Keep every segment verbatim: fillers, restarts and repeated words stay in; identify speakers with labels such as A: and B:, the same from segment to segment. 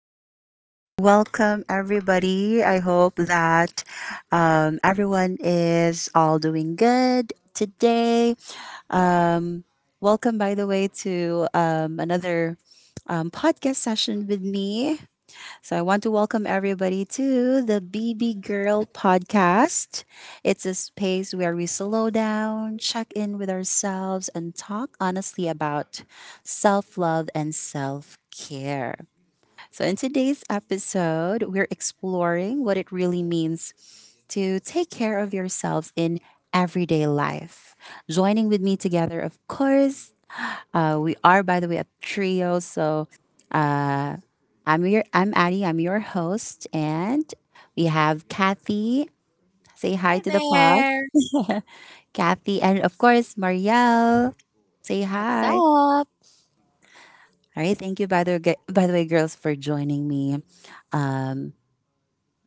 A: hello. Welcome, everybody. I hope that um, everyone is all doing good today. Welcome, by the way, to um, another um, podcast session with me. So, I want to welcome everybody to the B B Girl podcast. It's a space where we slow down, check in with ourselves, and talk honestly about self love and self care. So, in today's episode, we're exploring what it really means to take care of yourselves in everyday life. Joining with me together, of course, uh, we are, by the way, a trio. So, I'm your, I'm Addie, I'm your host, and we have Kathy. Say hi
B: Hi
A: to the pod,
B: there.
A: Kathy, and of course, Marielle. Say
C: What's
A: hi.
C: up?
A: All right, thank you by the way, gu- by the way, girls, for joining me. Um.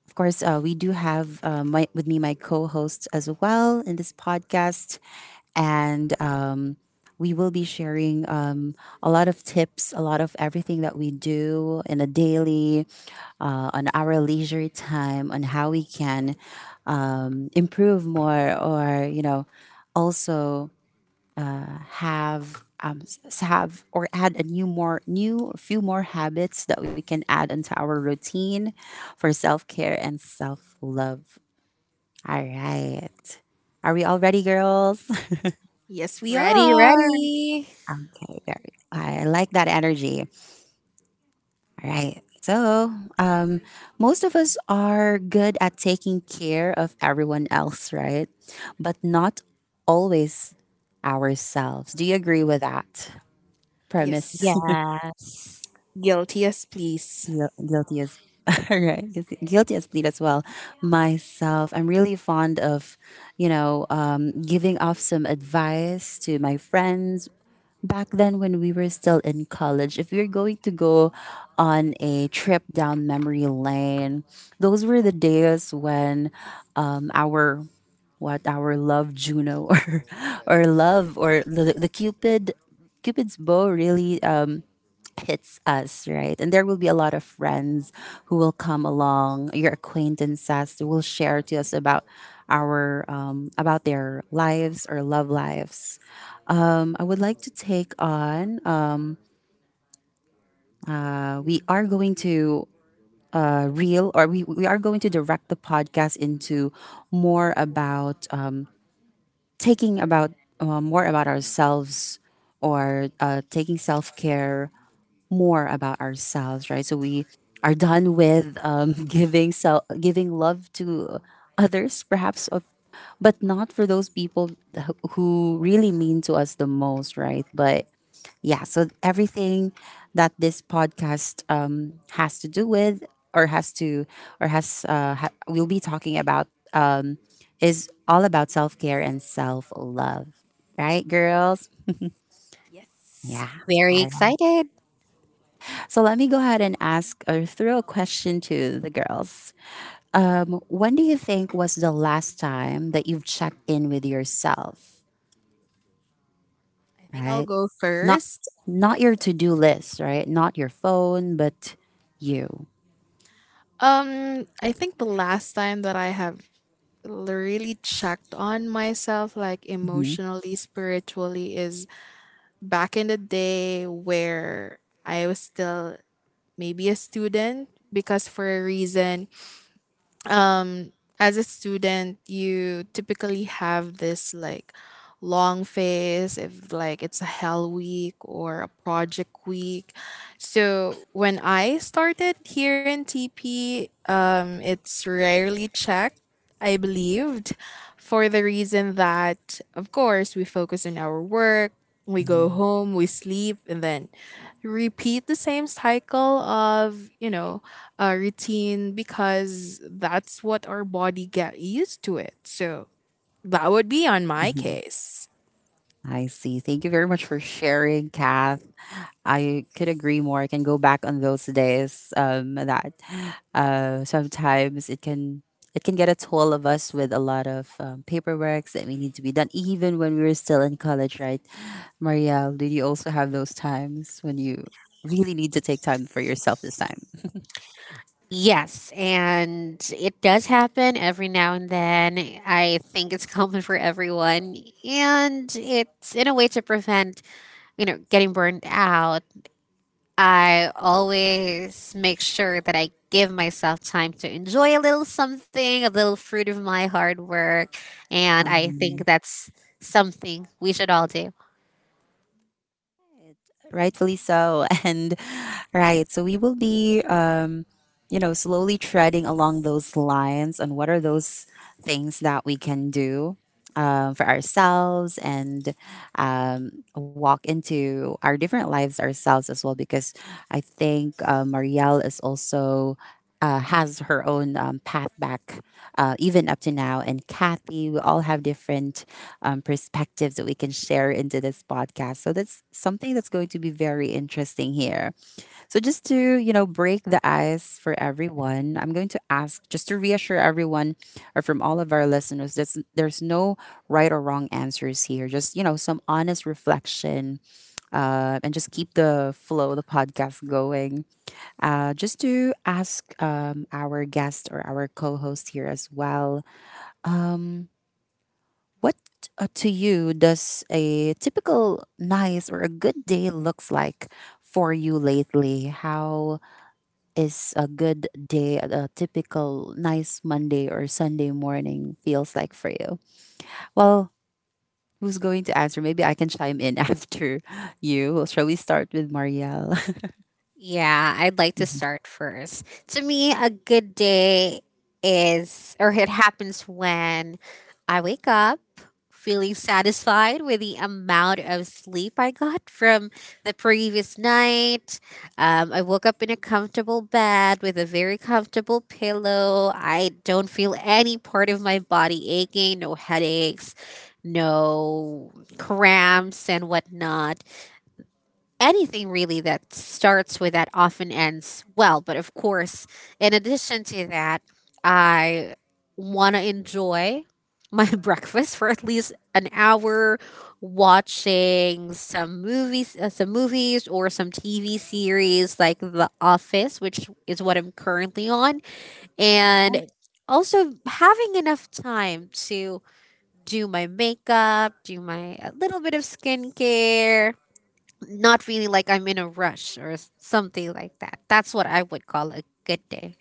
A: Of course, uh, we do have uh, my, with me my co host as well in this podcast. And um, we will be sharing um, a lot of tips, a lot of everything that we do in a daily, uh, on our leisure time, on how we can um, improve more or, you know, also have um, s- have or add a new more new few more habits that we can add into our routine for self care and self love. All right, are we all ready, girls?
B: Yes, we
C: Ready,
B: are.
C: ready.
A: Okay, there. I like that energy. All right. So, um, most of us are good at taking care of everyone else, right? But not always ourselves. Do you agree with that premise?
B: Yes.
C: Yes.
B: Guilty as please.
A: Guil- guilty as all right, guilty, guilty as plead as well. Myself, I'm really fond of, you know, um, giving off some advice to my friends back then when we were still in college. If we are going to go on a trip down memory lane, those were the days when, um, our, what, our love Juno or or love or the, the Cupid, Cupid's bow really uh, hits us, right? And there will be a lot of friends who will come along, your acquaintances who will share to us about our um, about their lives or love lives. Um, I would like to take on. Uh, we are going to uh, reel, or we we are going to direct the podcast into more about uh, taking about uh, more about ourselves or uh, taking self care more about ourselves, right? So we are done with um, giving self giving love to others, perhaps, of, but not for those people th- who really mean to us the most, right? But yeah, so everything that this podcast um, has to do with, or has to, or has, uh, ha- we'll be talking about. Um, is all about self care and self love. Right, girls?
B: Yes.
A: Yeah.
C: Very
A: All right.
C: excited.
A: So let me go ahead and ask or throw a question to the girls. Um, when do you think was the last time that you've checked in with yourself?
B: I think I'll
A: Right?
B: go
A: Not
B: first.
A: not your to do list, right? Not your phone, but you.
B: Um, I think the last time that I have l- really checked on myself, like
A: Mhm.
B: emotionally, spiritually, is back in the day where I was still maybe a student, because for a reason, as a student you typically have this like long phase if like it's a hell week or a project week. So when I started here in TP, um it's rarely checked, I believed, for the reason that of course we focus on our work, we go home, we sleep, and then repeat the same cycle of you know uh, routine, because that's what our body get used to it. So that would be on my
A: Mhm.
B: case.
A: I see. Thank you very much for sharing, Kath. I could agree more. I can go back on those days um, that uh, sometimes it can it can get a toll of us with a lot of um, paperwork that we need to be done, even when we were still in college, right? Marielle, did you also have those times when you really need to take time for yourself this time?
C: Yes, and it does happen every now and then. I think it's common for everyone, and it's in a way to prevent, you know, getting burned out. I always make sure that I give myself time to enjoy a little something, a little fruit of my hard work, and I think
A: Um,
C: that's something we should all do.
A: Right. Rightfully so, and right, so we will be, um you know, slowly treading along those lines on what are those things that we can do um, for ourselves and um, walk into our different lives ourselves as well, because I think uh, Marielle is also uh, has her own um, path back uh, even up to now, and Kathy, we all have different um, perspectives that we can share into this podcast. So that's something that's going to be very interesting here. So just to, you know, break the ice for everyone, I'm going to ask, just to reassure everyone or from all of our listeners, that there's no right or wrong answers here. Just, you know, some honest reflection, uh, and just keep the flow, the podcast going. Uh, just to ask um, our guest or our co host here as well. Um, what uh, to you does a typical nice or a good day looks like for you lately? How is a good day, a typical nice Monday or Sunday morning feels like for you? Well, who's going to answer? Maybe I can chime in after you. Shall we start with Marielle?
C: Yeah, I'd like to start first. To me, a good day is, or it happens when I wake up feeling satisfied with the amount of sleep I got from the previous night. Um, I woke up in a comfortable bed with a very comfortable pillow. I don't feel any part of my body aching, no headaches, no cramps, and whatnot anything really that starts with that often ends well. But of course, in addition to that, I want to enjoy my breakfast for at least an hour watching some movies uh, some movies or some T V series like The Office, which is what I'm currently on, and also having enough time to do my makeup, do my a little bit of skincare, not feeling like I'm in a rush or s- something like that. That's what I would call a good day.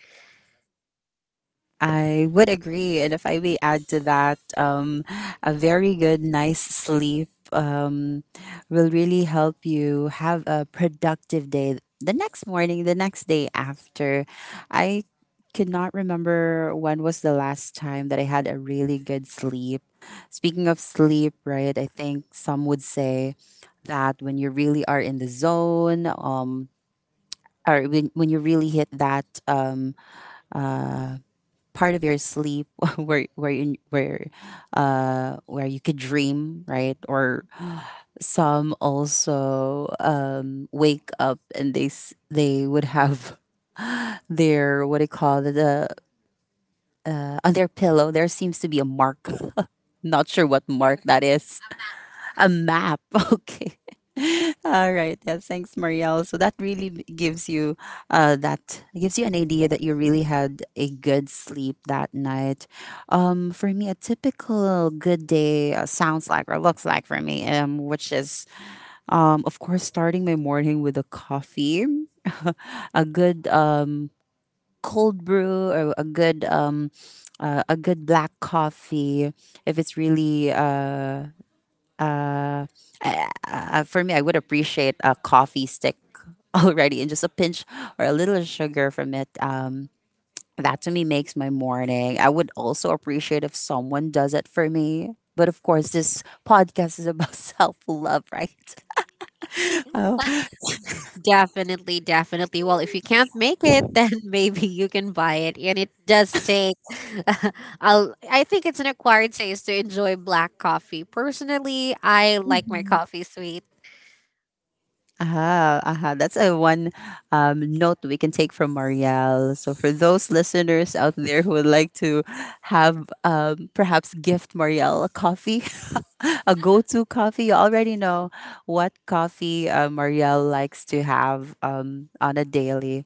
A: I would agree. And if I may add to that, um, a very good nice sleep um, will really help you have a productive day the next morning, the next day after. I could not remember when was the last time that I had a really good sleep. Speaking of sleep, right, I think some would say that when you really are in the zone, um, or when, when you really hit that. Um, part of your sleep where where you, where uh where you could dream, right, or some also um wake up and they s- they would have their, what do you call it, the uh, on their pillow there seems to be a mark, not sure what mark that is, a map. Okay. All right. Yeah. Thanks, Marielle. So that really b- gives you uh, that gives you an idea that you really had a good sleep that night. Um, for me, a typical good day uh, sounds like or looks like for me, um, which is um, of course starting my morning with a coffee, a good um, cold brew or a good um, uh, a good black coffee if it's really. Uh, uh, I, I, for me, I would appreciate a coffee stick already and just a pinch or a little sugar from it. Um, that to me makes my morning. I would also appreciate if someone does it for me. But of course, this podcast is about self love, right? Oh,
C: Definitely, definitely. Well, if you can't make it, then maybe you can buy it. And it does take, I'll, I think it's an acquired taste to enjoy black coffee. Personally, I like my
A: mhm.
C: coffee sweet.
A: Aha, aha. That's a one um, note we can take from Marielle. So for those listeners out there who would like to have um, perhaps gift Marielle a coffee, a go-to coffee. You already know what coffee uh, Marielle likes to have um, on a daily.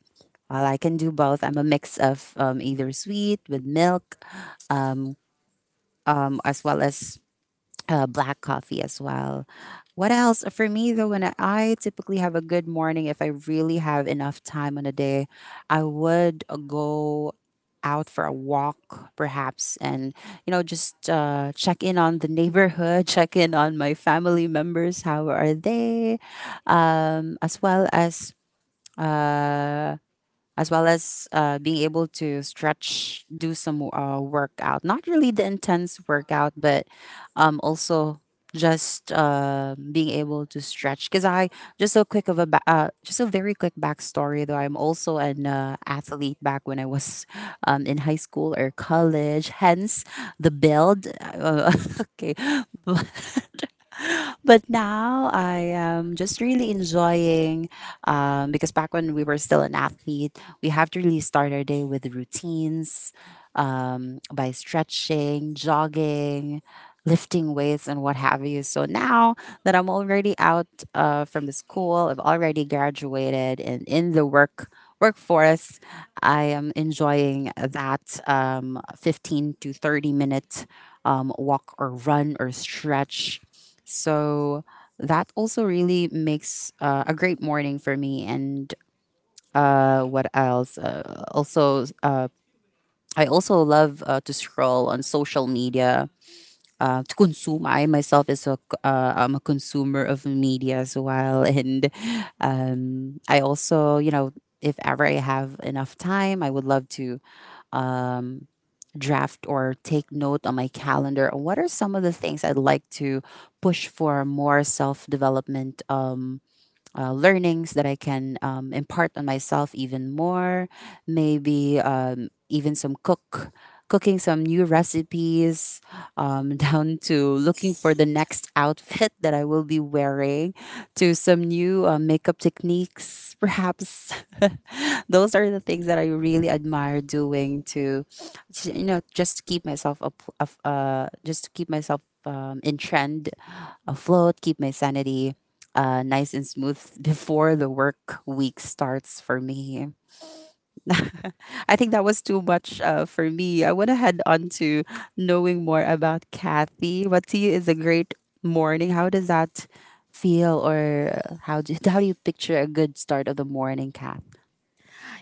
A: Well, I can do both. I'm a mix of um, either sweet with milk, um, um, as well as uh, black coffee as well. What else? For me, though, when I typically have a good morning, if I really have enough time on a day, I would uh, go out for a walk, perhaps, and you know, just uh, check in on the neighborhood, check in on my family members. How are they? Um, as well as. Uh, as well as uh, being able to stretch, do some uh, workout. Not really the intense workout, but um, also just uh, being able to stretch. Because I just so quick of a ba- uh, just a very quick backstory though. I'm also an uh, athlete back when I was um, in high school or college. Hence the build. Uh, okay, but. But now I am just really enjoying um, because back when we were still an athlete, we have to really start our day with routines um, by stretching, jogging, lifting weights, and what have you. So now that I'm already out uh, from the school, I've already graduated and in the work workforce, I am enjoying that um, fifteen to thirty minute um, walk or run or stretch, so that also really makes uh, a great morning for me. And uh, what else? Uh, also, uh, I also love uh, to scroll on social media. Uh, to consume, I myself is a c- uh, I'm a consumer of media as well, and um, I also, you know, if ever I have enough time, I would love to um, draft or take note on my calendar on what are some of the things I'd like to push for more self development um, uh, learnings that I can um, impart on myself even more. Maybe um, even some cook, cooking some new recipes, um, down to looking for the next outfit that I will be wearing, to some new uh, makeup techniques, perhaps. Those are the things that I really admire doing to, you know, just to keep myself up, up uh, just to keep myself um, in trend, afloat, keep my sanity uh, nice and smooth before the work week starts for me. I think that was too much uh, for me. I want to head on to knowing more about Kathy. What to you is a great morning? How does that feel, or how do how do you picture a good start of the morning, Kath?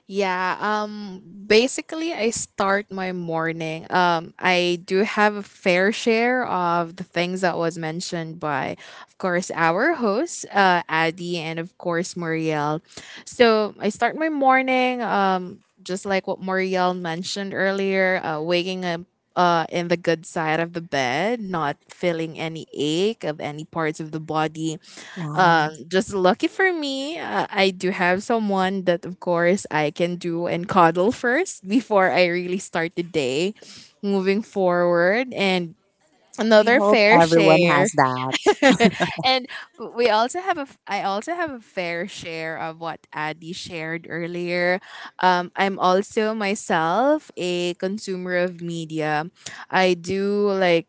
B: Yeah, um basically I start my morning. Um I do have a fair share of the things that was mentioned by of course our host, uh Addy, and of course Marielle. So I start my morning um just like what Marielle mentioned earlier, uh waking up uh, in the good side of the bed, not feeling any ache of any parts of the body, um
A: Wow.
B: just lucky for me, uh, I do have someone that of course I can do and cuddle first before I really start the day, moving forward. And
A: We
B: another
A: hope
B: fair
A: everyone
B: share
A: has that.
B: and we also have a. I also have a fair share of what Adi shared earlier. um, I'm also myself a consumer of media. I do like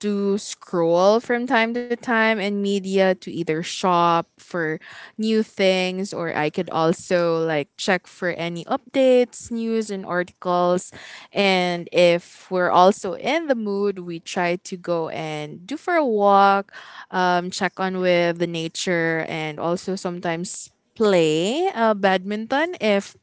B: to scroll from time to time in media to either shop for new things, or I could also like check for any updates, news and articles. And if we're also in the mood, we try to go and do for a walk, um, check on with the nature, and also sometimes play uh, badminton if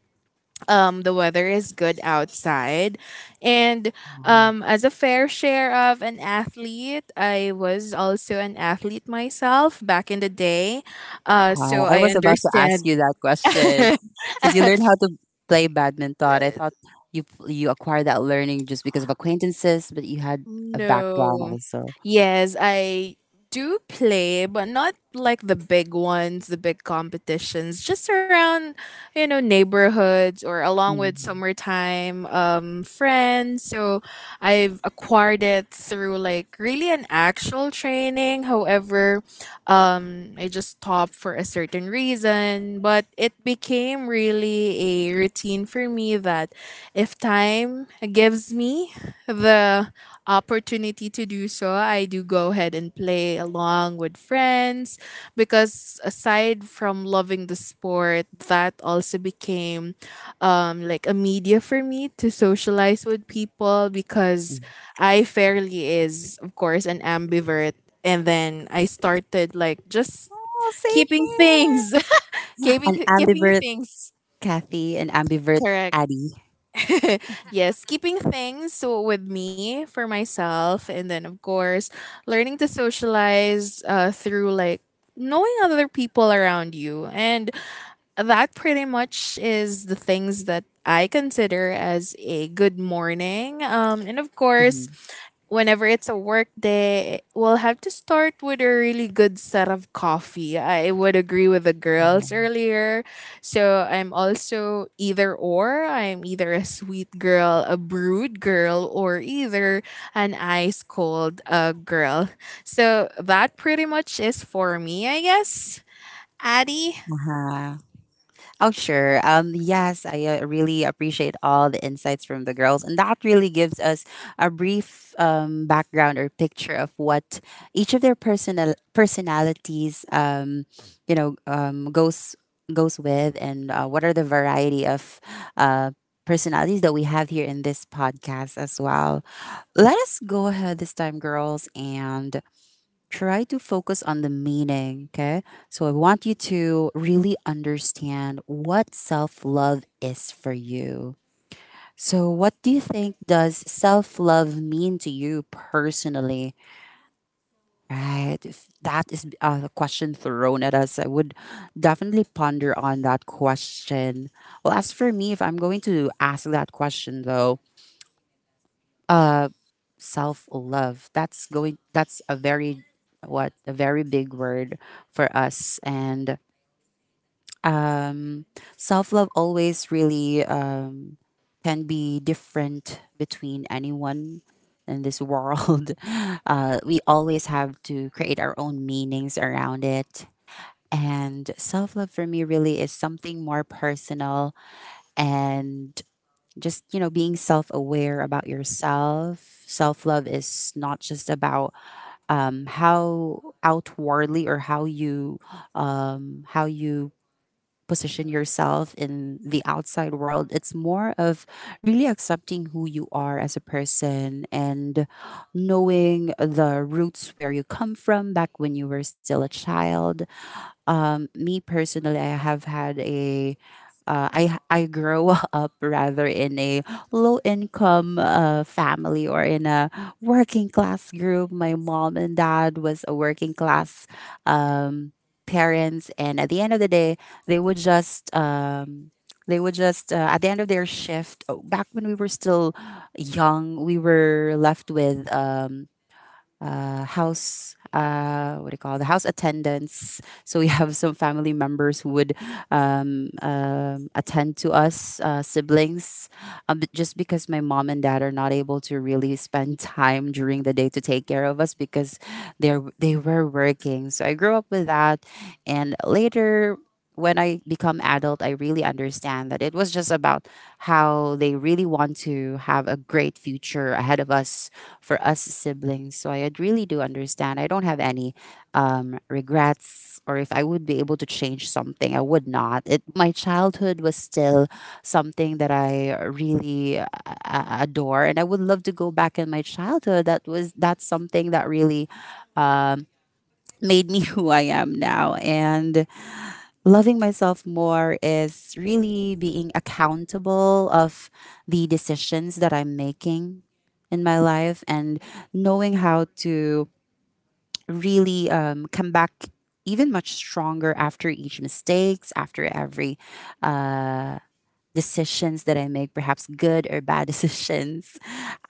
B: um, the weather is good outside. And
A: Oh,
B: um, as a fair share of an athlete, I was also an athlete myself back in the day. Uh,
A: I
B: so I
A: was about to ask
B: understand.
A: you that question. Because you learned how to play badminton. I thought you you acquired that learning just because of acquaintances, but you had a background
B: No.
A: also.
B: Yes, I do play, but not like the big ones, the big competitions, just around, you know, neighborhoods or along with
A: Mm.
B: summertime um friends. So I've acquired it through like really an actual training. However, um I just stopped for a certain reason, but it became really a routine for me that if time gives me the opportunity to do so, I do go ahead and play along with friends, because aside from loving the sport, that also became um, like a media for me to socialize with people, because I fairly is, of course, an ambivert. And then I started like just
A: Oh, same
B: keeping things,
A: here. An
B: keeping, keeping
A: ambivert
B: things
A: Kathy, an ambivert
B: correct.
A: Addie.
B: Yes, keeping things so with me for myself, and then of course, learning to socialize uh, through like knowing other people around you, and that pretty much is the things that I consider as a good morning. Um, and of course,
A: Mhm.
B: whenever it's a work day, we'll have to start with a really good set of coffee. I would agree with the girls earlier. So I'm also either or. I'm either a sweet girl, a brewed girl, or either an ice cold uh, girl. So that pretty much is for me, I guess. Addie?
A: Uh-huh. Oh, sure. Um, yes, I uh, really appreciate all the insights from the girls. And that really gives us a brief um, background or picture of what each of their personal personalities, um, you know, um, goes goes with, and uh, what are the variety of uh, personalities that we have here in this podcast as well. Let us go ahead this time, girls, and try to focus on the meaning, okay? So I want you to really understand what self love is for you. So, what do you think does self love mean to you personally? Right? If that is uh, a question thrown at us, I would definitely ponder on that question. Well, as for me, if I'm going to ask that question though, uh, self love, that's going, that's a very, what, a very big word for us. And um, self love always really um, can be different between anyone in this world. Uh, we always have to create our own meanings around it. And self love for me really is something more personal, and just, you know, being self aware about yourself. Self love is not just about um, how outwardly or how you um, how you position yourself in the outside world. It's more of really accepting who you are as a person and knowing the roots where you come from back when you were still a child um, Me personally, I have had a uh, I I grow up rather in a low income uh, family or in a working class group. My mom and dad was a working class um, parents, and at the end of the day, they would just um, they would just uh, at the end of their shift. oh, Back when we were still young, we were left with. Um, uh, house uh, what do you call, the house attendants, so we have some family members who would um, um attend to us uh, siblings, um, but just because my mom and dad are not able to really spend time during the day to take care of us because they're they were working. So I grew up with that, and later when I become adult, I really understand that it was just about how they really want to have a great future ahead of us, for us siblings. So I really do understand. I don't have any um, regrets, or if I would be able to change something, I would not. It My childhood was still something that I uh, really uh, adore, and I would love to go back in my childhood. That was that's something that really um, made me who I am now, and loving myself more is really being accountable of the decisions that I'm making in my life, and knowing how to really um, come back even much stronger after each mistakes, after every uh, decisions that I make, perhaps good or bad decisions.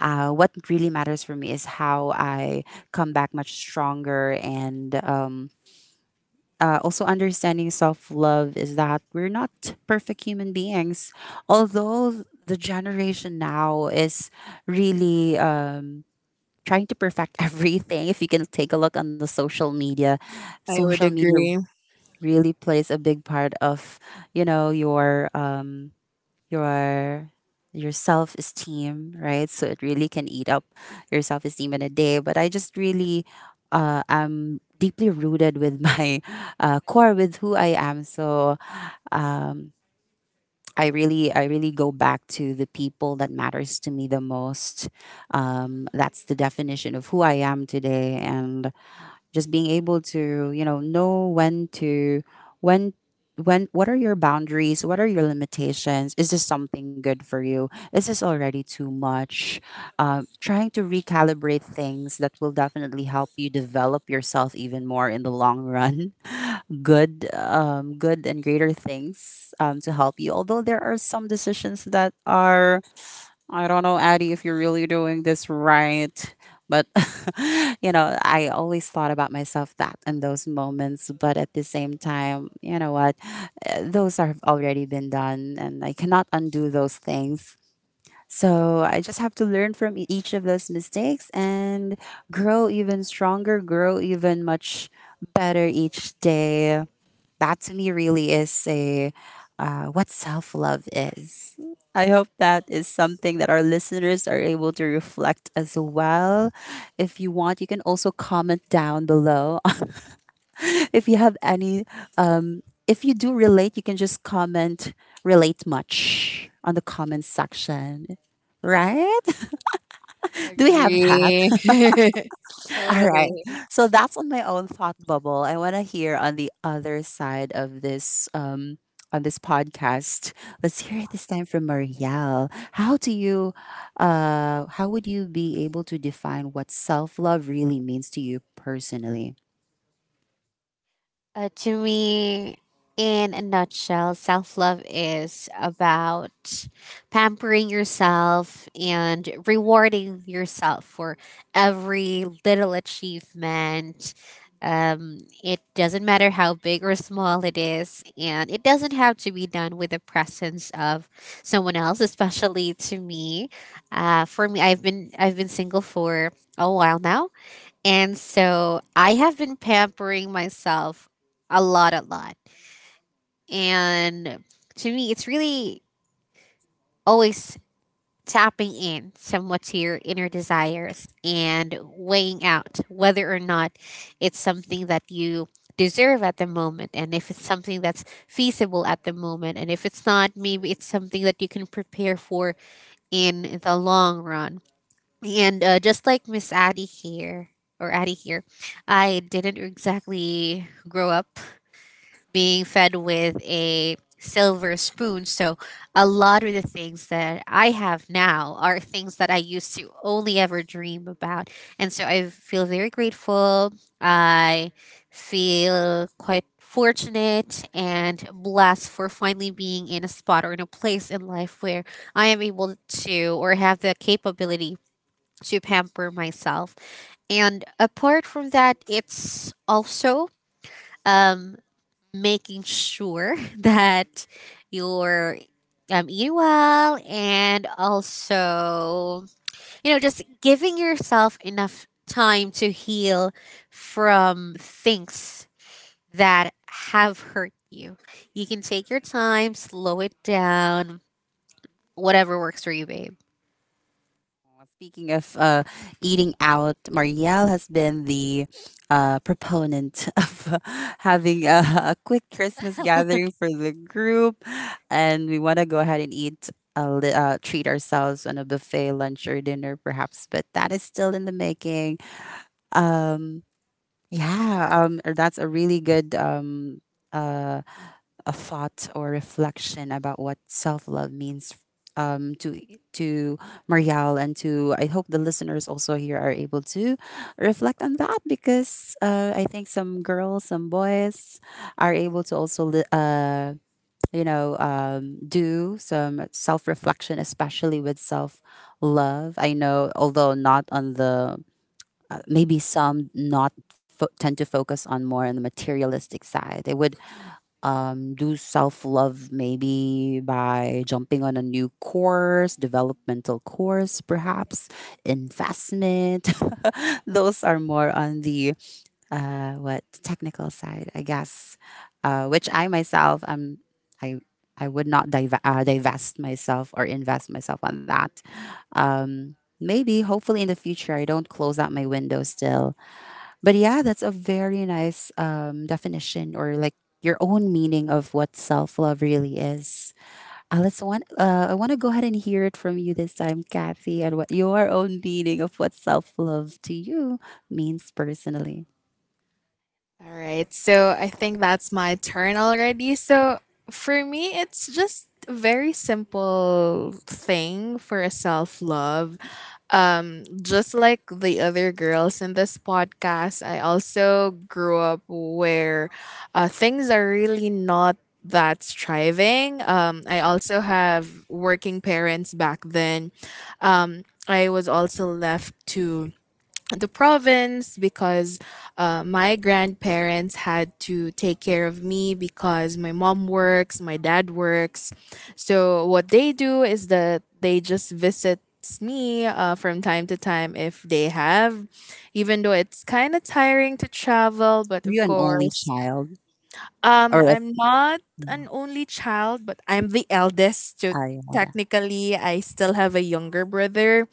A: Uh, what really matters for me is how I come back much stronger, and um, uh, also understanding self love is that we're not perfect human beings. Although the generation now is really um, trying to perfect everything, if you can take a look on the social media,
B: I
A: social
B: would
A: media
B: agree.
A: really plays a big part of you know your um, your your self-esteem, right? So it really can eat up your self-esteem in a day. But I just really uh I'm deeply rooted with my uh, core with who I am. So um I really I really go back to the people that matters to me the most. Um, that's the definition of who I am today, and just being able to you know know when to, when when what are your boundaries, what are your limitations, is this something good for you, is this already too much? Um, trying to recalibrate things that will definitely help you develop yourself even more in the long run. good um, good and greater things, um, to help you, although there are some decisions that are, I don't know, Addie, if you're really doing this right. But, you know, I always thought about myself that in those moments. But at the same time, you know what? Uh, Those have already been done, and I cannot undo those things. So I just have to learn from e- each of those mistakes, and grow even stronger, grow even much better each day. That to me really is a uh, what self love is. I hope that is something that our listeners are able to reflect as well. If you want, you can also comment down below. if you have any, um, if you do relate, you can just comment relate much on the comment section. Right? Do we have that?
B: Agree.
A: All right.
C: Totally.
A: So that's on my own thought bubble. I want to hear on the other side of this, um on this podcast. Let's hear it this time from Marielle. How do you uh how would you be able to define what self-love really means to you personally?
C: Uh, to me, in a nutshell, self love is about pampering yourself and rewarding yourself for every little achievement. Um, it doesn't matter how big or small it is, and it doesn't have to be done with the presence of someone else, especially to me. Uh, for me, I've been I've been single for a while now, and so I have been pampering myself a lot, a lot. And to me, it's really always tapping in somewhat to your inner desires and weighing out whether or not it's something that you deserve at the moment, and if it's something that's feasible at the moment, and if it's not, maybe it's something that you can prepare for in the long run. And uh, just like Miss Addie here, or Addie here, I didn't exactly grow up being fed with a silver spoon. So a lot of the things that I have now are things that I used to only ever dream about. And so I feel very grateful. I feel quite fortunate and blessed for finally being in a spot or in a place in life where I am able to or have the capability to pamper myself. And apart from that, it's also um, making sure that you're um, eating well, and also, you know, just giving yourself enough time to heal from things that have hurt you. You can take your time, slow it down, whatever works for you, babe.
A: Uh, Speaking of uh, eating out, Marielle has been the uh, proponent of uh, having a, a quick Christmas gathering for the group, and we want to go ahead and eat. A li- uh, treat ourselves on a buffet lunch or dinner, perhaps, but that is still in the making. Um yeah, um that's a really good, um uh a thought or reflection about what self love means, um, to to Marielle, and to I hope the listeners also here are able to reflect on that, because uh, I think some girls, some boys are able to also li- uh, you know um, do some self reflection, especially with self love. I know, although not on the uh, maybe some not fo- tend to focus on more on the materialistic side. They would um, do self love maybe by jumping on a new course, developmental course, perhaps investment. Those are more on the uh, what technical side, I guess. Uh, which I myself, um, I I would not div- uh, divest myself or invest myself on that. Um, maybe, hopefully, in the future, I don't close out my window still, but yeah, that's a very nice um, definition, or like your own meaning of what self love really is. Uh, let's want, uh, I want to go ahead and hear it from you this time, Kathy, and what your own meaning of what self love to you means personally.
B: All right. So I think that's my turn already. So for me, it's just a very simple thing for a self love. Um, just like the other girls in this podcast, I also grew up where uh, things are really not that striving. Um, I also have working parents back then. Um, I was also left to the province because uh, my grandparents had to take care of me because my mom works, my dad works. So what they do is that they just visit me uh, from time to time if they have, even though it's kind of tiring to travel. But of
A: You're an only
B: course,
A: child or
B: um,
A: a
B: I'm not an only child, but I'm the eldest. So
A: ah, yeah, yeah.
B: technically, I still have a younger brother.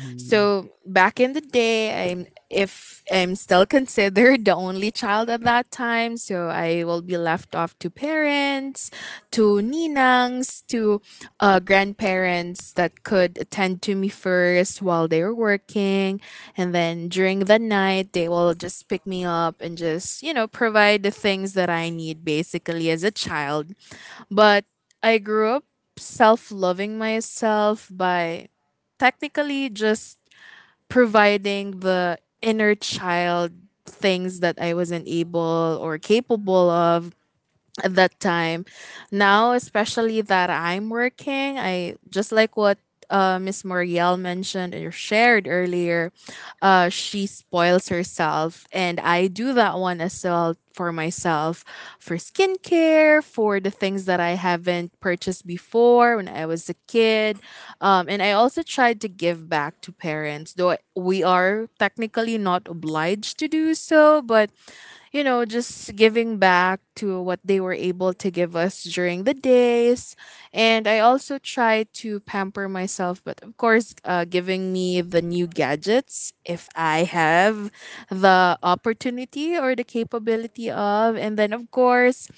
A: Mm.
B: So back in the day, I'm, if I'm still considered the only child at that time, so I will be left off to parents, to ninangs, to uh, grandparents that could attend to me first while they were working, and then during the night they will just pick me up and just you know provide the things that I need basically as a child. But I grew up self loving myself by technically just providing the inner child things that I wasn't able or capable of at that time. Now, especially that I'm working, I just like what uh, Miss Moriel mentioned or shared earlier, uh, she spoils herself. And I do that one as well for myself, for skincare, for the things that I haven't purchased before when I was a kid. Um, and I also tried to give back to parents, though we are technically not obliged to do so, but you know, just giving back to what they were able to give us during the days. And I also try to pamper myself, but of course, uh, giving me the new gadgets if I have the opportunity or the capability of. And then, of course,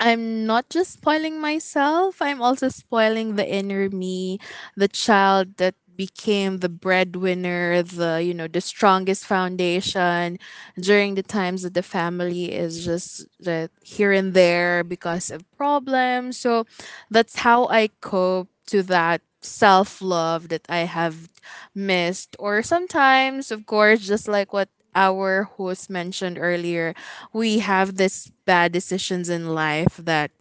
B: I'm not just spoiling myself, I'm also spoiling the inner me, the child that became the breadwinner, the you know the strongest foundation during the times that the family is just that here and there because of problems. So that's how I cope to that self love that I have missed. Or sometimes, of course, just like what our host mentioned earlier, we have this bad decisions in life that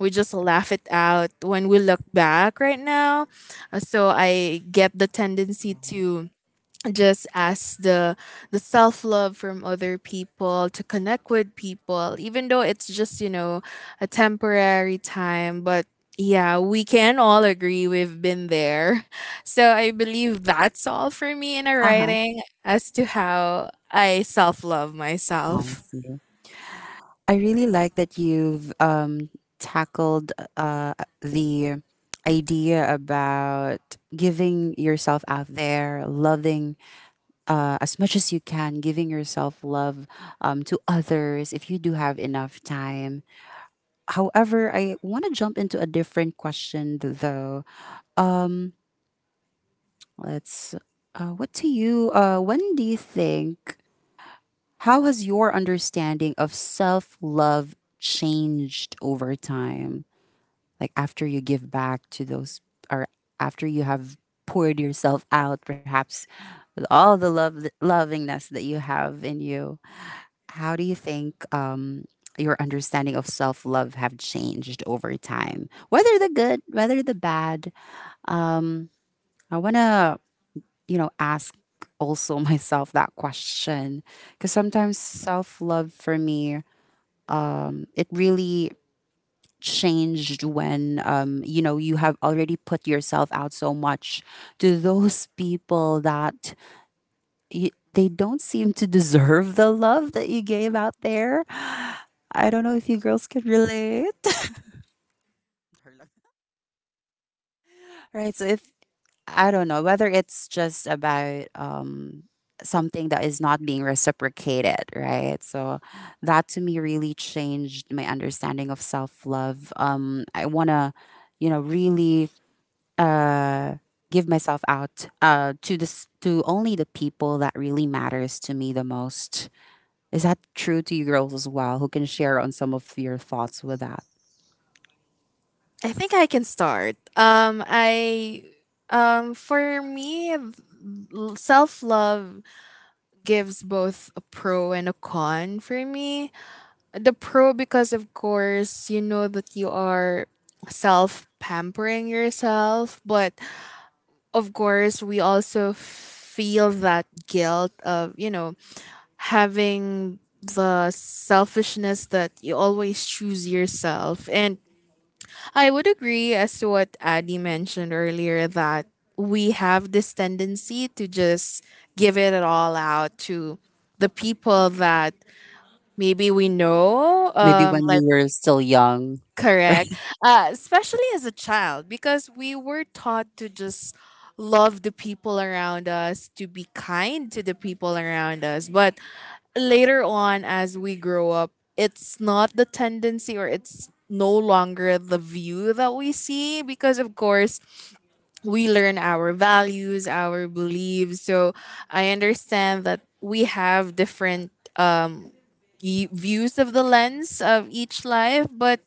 B: we just laugh it out when we look back right now. Uh, So I get the tendency to just as the the self love from other people to connect with people even though it's just you know a temporary time, but yeah, we can all agree we've been there. So I believe that's all for me in a
A: Uh
B: writing as to how I self love myself.
A: huh. I really like that you've um, tackled uh, the idea about giving yourself out there, loving uh, as much as you can, giving yourself love um, to others if you do have enough time. However, I want to jump into a different question th- though. Um, let's. Uh, what do you? Uh, when do you think? How has your understanding of self love changed over time? Like after you give back to those, or after you have poured yourself out, perhaps, with all the love lovingness that you have in you. How do you think um your understanding of self-love have changed over time, whether the good, whether the bad? um I want to you know ask also myself that question, because sometimes self-love for me, um it really changed when, um you know you have already put yourself out so much to those people that y they don't seem to deserve the love that you gave out there. I don't know if you girls could relate. Right? So if I don't know whether it's just about um something that is not being reciprocated, right? So that to me really changed my understanding of self-love. Um I want to you know really uh give myself out uh to this to only the people that really matters to me the most. Is that true to you girls as well, who can share on some of your thoughts with that?
B: I think I can start um I um for me, self love gives both a pro and a con for me. The pro because of course you know that you are self pampering yourself, but of course we also feel that guilt of, you know, having the selfishness that you always choose yourself. And I would agree as to what Addy mentioned earlier that we have this tendency to just give it all out to the people that maybe we know
A: Maybe
B: um
A: when
B: like
A: we were still young,
B: correct.
A: right?
B: Uh, especially as a child, because we were taught to just love the people around us, to be kind to the people around us. But later on, as we grow up, it's not the tendency or it's no longer the view that we see because, of course, we learn our values, our beliefs. So I understand that we have different y- views of the lens of each life, but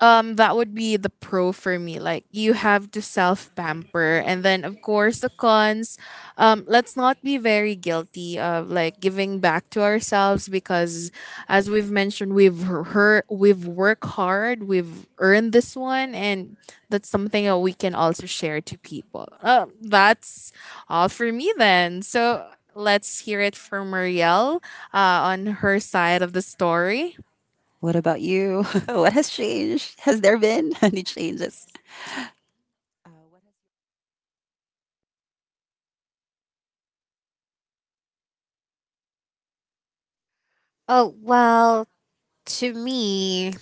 B: um that would be the pro for me, like you have to self pamper, and then of course the cons, um let's not be very guilty of like giving back to ourselves because as we've mentioned, we've hurt, we've worked hard, we've earned this one, and that's something that we can also share to people. um that's all for me then. So let's hear it from Marielle uh, on her side of the story.
A: What about you? What has changed? Has there been any changes?
C: Oh, well, to me,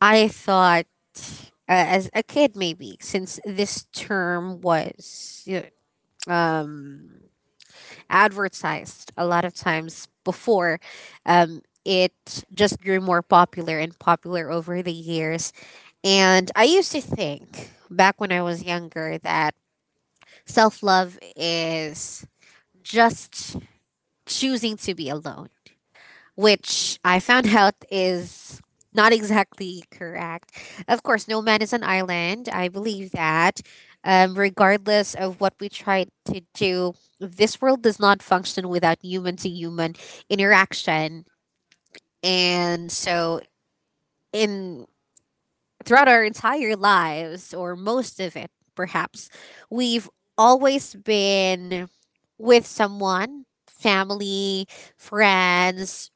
C: I thought uh, as a kid, maybe since this term was, you know, um, advertised a lot of times before, um, it just grew more popular and popular over the years, and I used to think back when I was younger that self-love is just choosing to be alone, which I found out is not exactly correct. Of course, no man is an island. I believe that. Um, regardless of what we try to do, this world does not function without human to human interaction. And so, in throughout our entire lives, or most of it, perhaps, we've always been with someone: family, friends,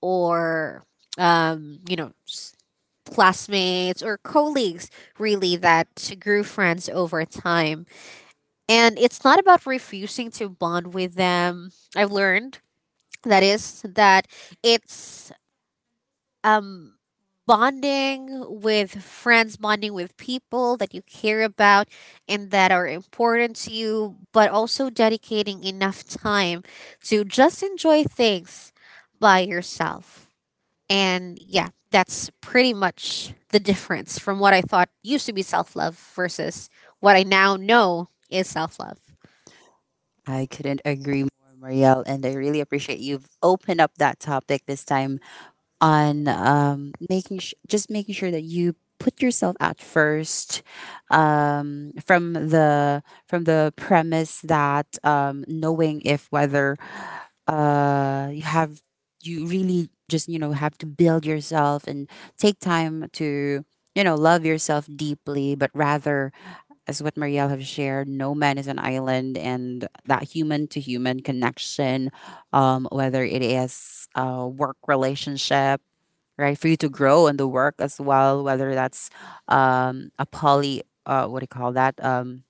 C: or um, you know, s- classmates or colleagues, really, that grew friends over time. And it's not about refusing to bond with them. I've learned that is that it's um bonding with friends, bonding with people that you care about and that are important to you, but also dedicating enough time to just enjoy things by yourself. And yeah, that's pretty much the difference from what I thought used to be self love versus what I now know is self love.
A: I couldn't agree more, Marielle, and I really appreciate you've opened up that topic this time on um, making sh- just making sure that you put yourself out first, um, from the from the premise that, um, knowing if whether uh, you have, you really just, you know, have to build yourself and take time to, you know, love yourself deeply, but rather, as what Marielle have shared, no man is an island, and that human to human connection, um, whether it is a work relationship, right? For you to grow in the work as well, whether that's um, a poly, uh, what do you call that? Um,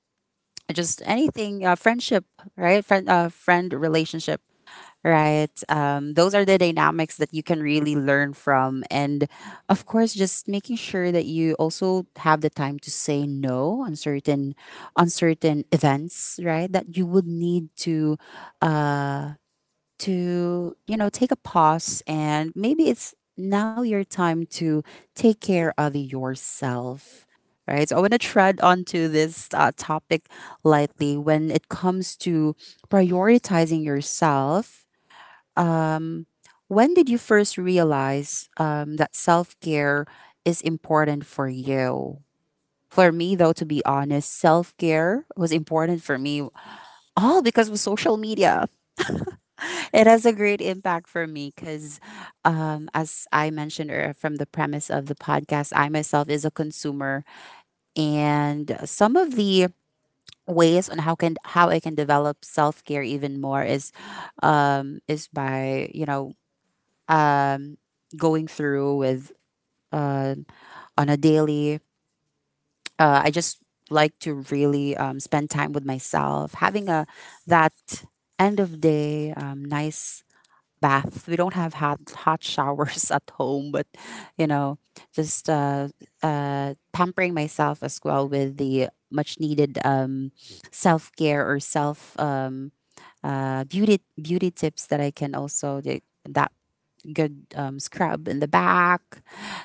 A: just anything, uh, friendship, right? Friend, uh, friend relationship, right? Um, those are the dynamics that you can really learn from, and of course, just making sure that you also have the time to say no on certain, on certain events, right? That you would need to. Uh, to, you know, take a pause, and maybe it's now your time to take care of yourself. Right. So I want to tread onto this uh, topic lightly when it comes to prioritizing yourself. Um, when did you first realize, um, that self care is important for you? For me, though, to be honest, self care was important for me all because of social media. It has a great impact for me because, um, as I mentioned ear- from the premise of the podcast, I myself is a consumer, and some of the ways on how can how I can develop self care even more is, um, is by, you know, um, going through with uh, on a daily. Uh, I just like to really um, spend time with myself, having a that end of day, um, nice bath. We don't have hot hot showers at home, but you know, just uh, uh, pampering myself as well with the much needed, um, self care or self, um, uh, beauty beauty tips that I can also like, that good, um, scrub in the back,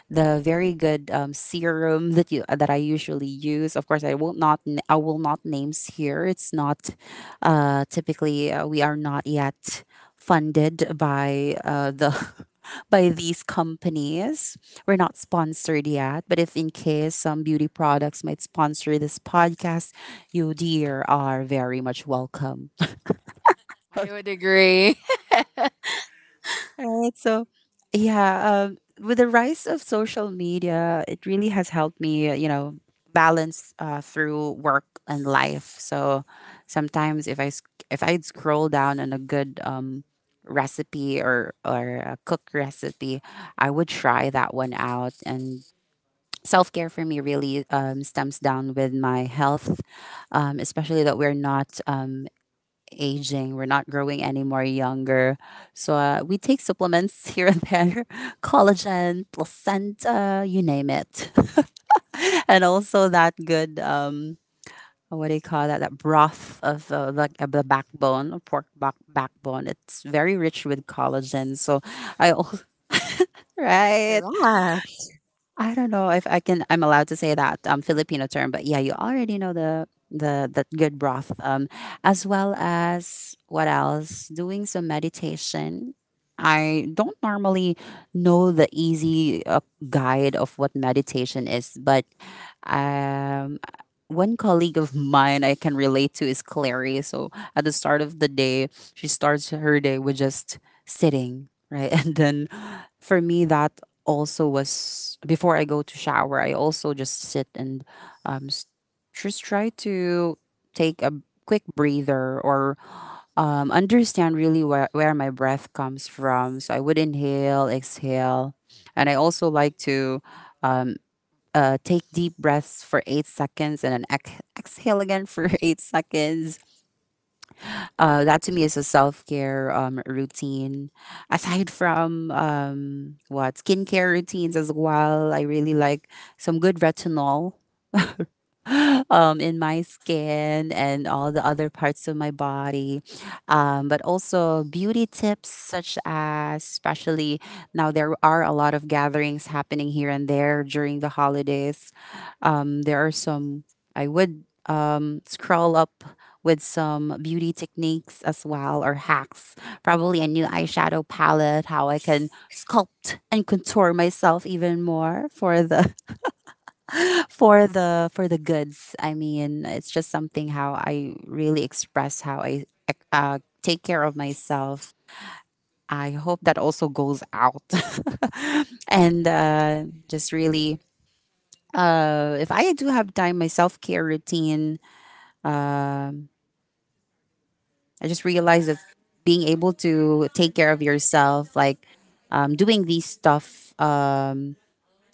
A: the very good, um, serum that you that I usually use. Of course, I will not n- I will not names here. It's not uh, typically, uh, we are not yet funded by, uh, the by these companies. We're not sponsored yet, but if in case some beauty products might sponsor this podcast, you dear are very much welcome.
B: I would agree.
A: Right. So, yeah, um, with the rise of social media, it really has helped me, you know, balance, uh, through work and life. So sometimes if I sc- if I'd scroll down on a good, um, recipe or or a cook recipe, I would try that one out. And self care for me really, um, stems down with my health, um, especially that we're not, um, aging. We're not growing anymore younger. So, uh, we take supplements here and there, collagen, placenta, you name it. And also that good, um, what do you call that? That broth of, uh, like, uh, the backbone, of pork back- backbone. It's very rich with collagen. So I also,
C: That's
A: right?
C: correct.
A: I don't know if I can. I'm allowed to say that, um, Filipino term, but yeah, you already know the the the good broth. Um, as well as what else? Doing some meditation. I don't normally know the easy, uh, guide of what meditation is, but um one colleague of mine I can relate to is Clary. So at the start of the day, she starts her day with just sitting, right? And then for me, that also was before I go to shower, I also just sit and, um, s- just try to take a quick breather or, um, understand really where, where my breath comes from. So I would inhale, exhale. And I also like to, um, uh, take deep breaths for eight seconds and then ex- exhale again for eight seconds. Uh, that to me is a self care, um, routine. Aside from, um, what skincare routines as well, I really like some good retinol um, in my skin and all the other parts of my body. Um, but also beauty tips, such as, especially now, there are a lot of gatherings happening here and there during the holidays. Um, there are some, I would, um, scroll up with some beauty techniques as well or hacks. Probably a new eyeshadow palette, how I can sculpt and contour myself even more for the for the for the goods. I mean, it's just something how I really express how I, eh, uh, take care of myself. I hope that also goes out and, uh, just really, uh, if I do have time, my self-care routine, um, I just realized that being able to take care of yourself, like, um, doing these stuff, um,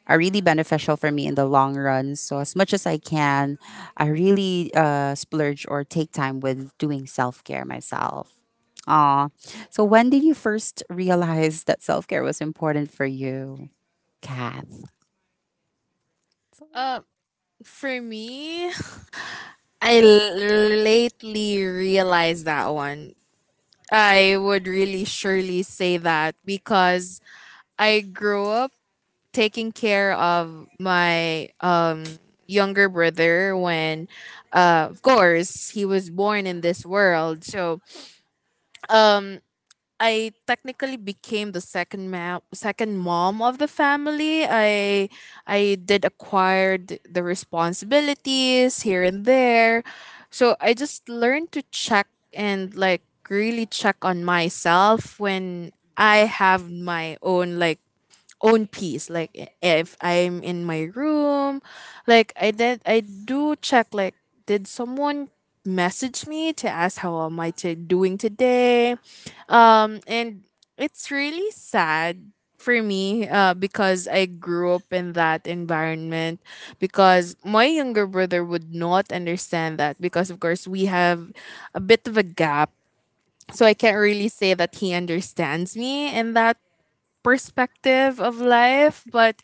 A: are really beneficial for me in the long run. So as much as I can, I really, uh, splurge or take time with doing self care myself. Aw. So when did you first realize that self care was important for you, Kath?
B: Um, for me, I l- lately realized that one. I would really surely say that because I grew up taking care of my um younger brother when uh, of course he was born in this world. So I technically became the second ma- second mom of the family. I I did acquired the responsibilities here and there. So I just learned to check and, like, really check on myself when I have my own, like, own peace, like if I'm in my room, like I did I do check, like did someone message me to ask how am I to doing today? Um and it's really sad for me, uh, because I grew up in that environment, because my younger brother would not understand that, because of course we have a bit of a gap. So I can't really say that he understands me in that perspective of life. But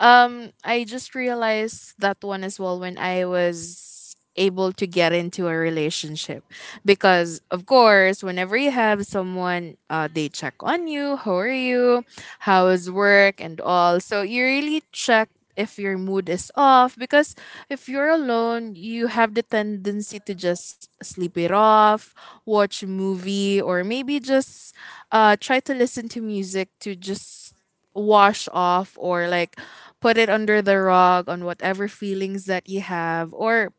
B: um, I just realized that one as well when I was able to get into a relationship, because of course whenever you have someone, uh, they check on you, how are you, how is work and all, so you really check if your mood is off. Because if you're alone, you have the tendency to just sleep it off, watch a movie, or maybe just uh, try to listen to music to just wash off, or like put it under the rug on whatever feelings that you have. Or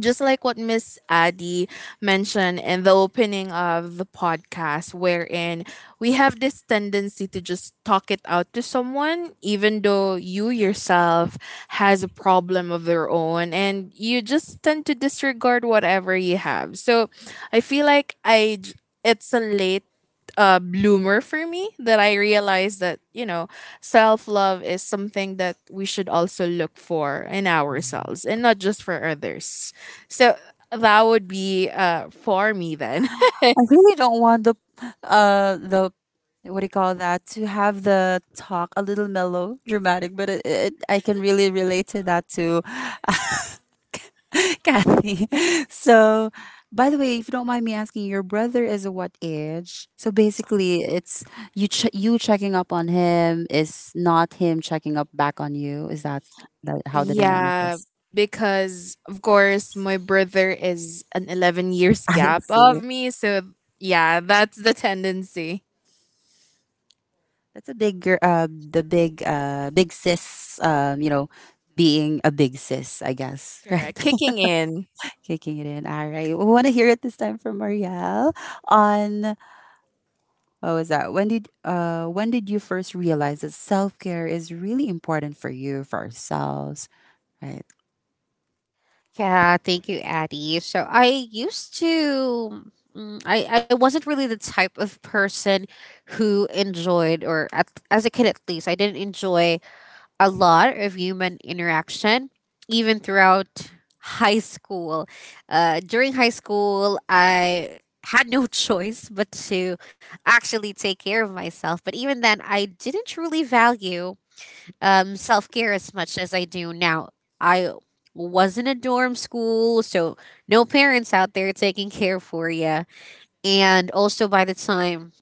B: just like what Miss Addy mentioned in the opening of the podcast, wherein we have this tendency to just talk it out to someone, even though you yourself has a problem of their own, and you just tend to disregard whatever you have. So I feel like I j- it's a late uh, bloomer for me that I realized that, you know, self love is something that we should also look for in ourselves and not just for others. So that would be uh for me then.
A: I really don't want the uh the what do you call that, to have the talk a little mellow dramatic, but it, it, I can really relate to that too. Kathy. So, by the way, if you don't mind me asking, your brother is what age? So basically, it's you ch- you checking up on him is not him checking up back on you. Is that the, how the Yeah. dynamic
B: Yeah,
A: is?
B: because of course my brother is an eleven years
A: I
B: gap
A: see.
B: of me, so yeah, that's the tendency.
A: That's a big gir- uh the big uh big sis, um you know, being a big sis, I guess, right?
B: Correct. Kicking in.
A: Kicking it in. All right. We want to hear it this time from Marielle on. Oh, is that, when did, uh when did you first realize that self care is really important for you, for ourselves, right?
C: Yeah, thank you, Addie. So I used to. Mm, I, I wasn't really the type of person who enjoyed, or at, as a kid at least, I didn't enjoy a lot of human interaction, even throughout high school. Uh, during high school, I had no choice but to actually take care of myself. But even then, I didn't truly value um, self care as much as I do now. I was in a dorm school, so no parents out there taking care for you. And also, by the time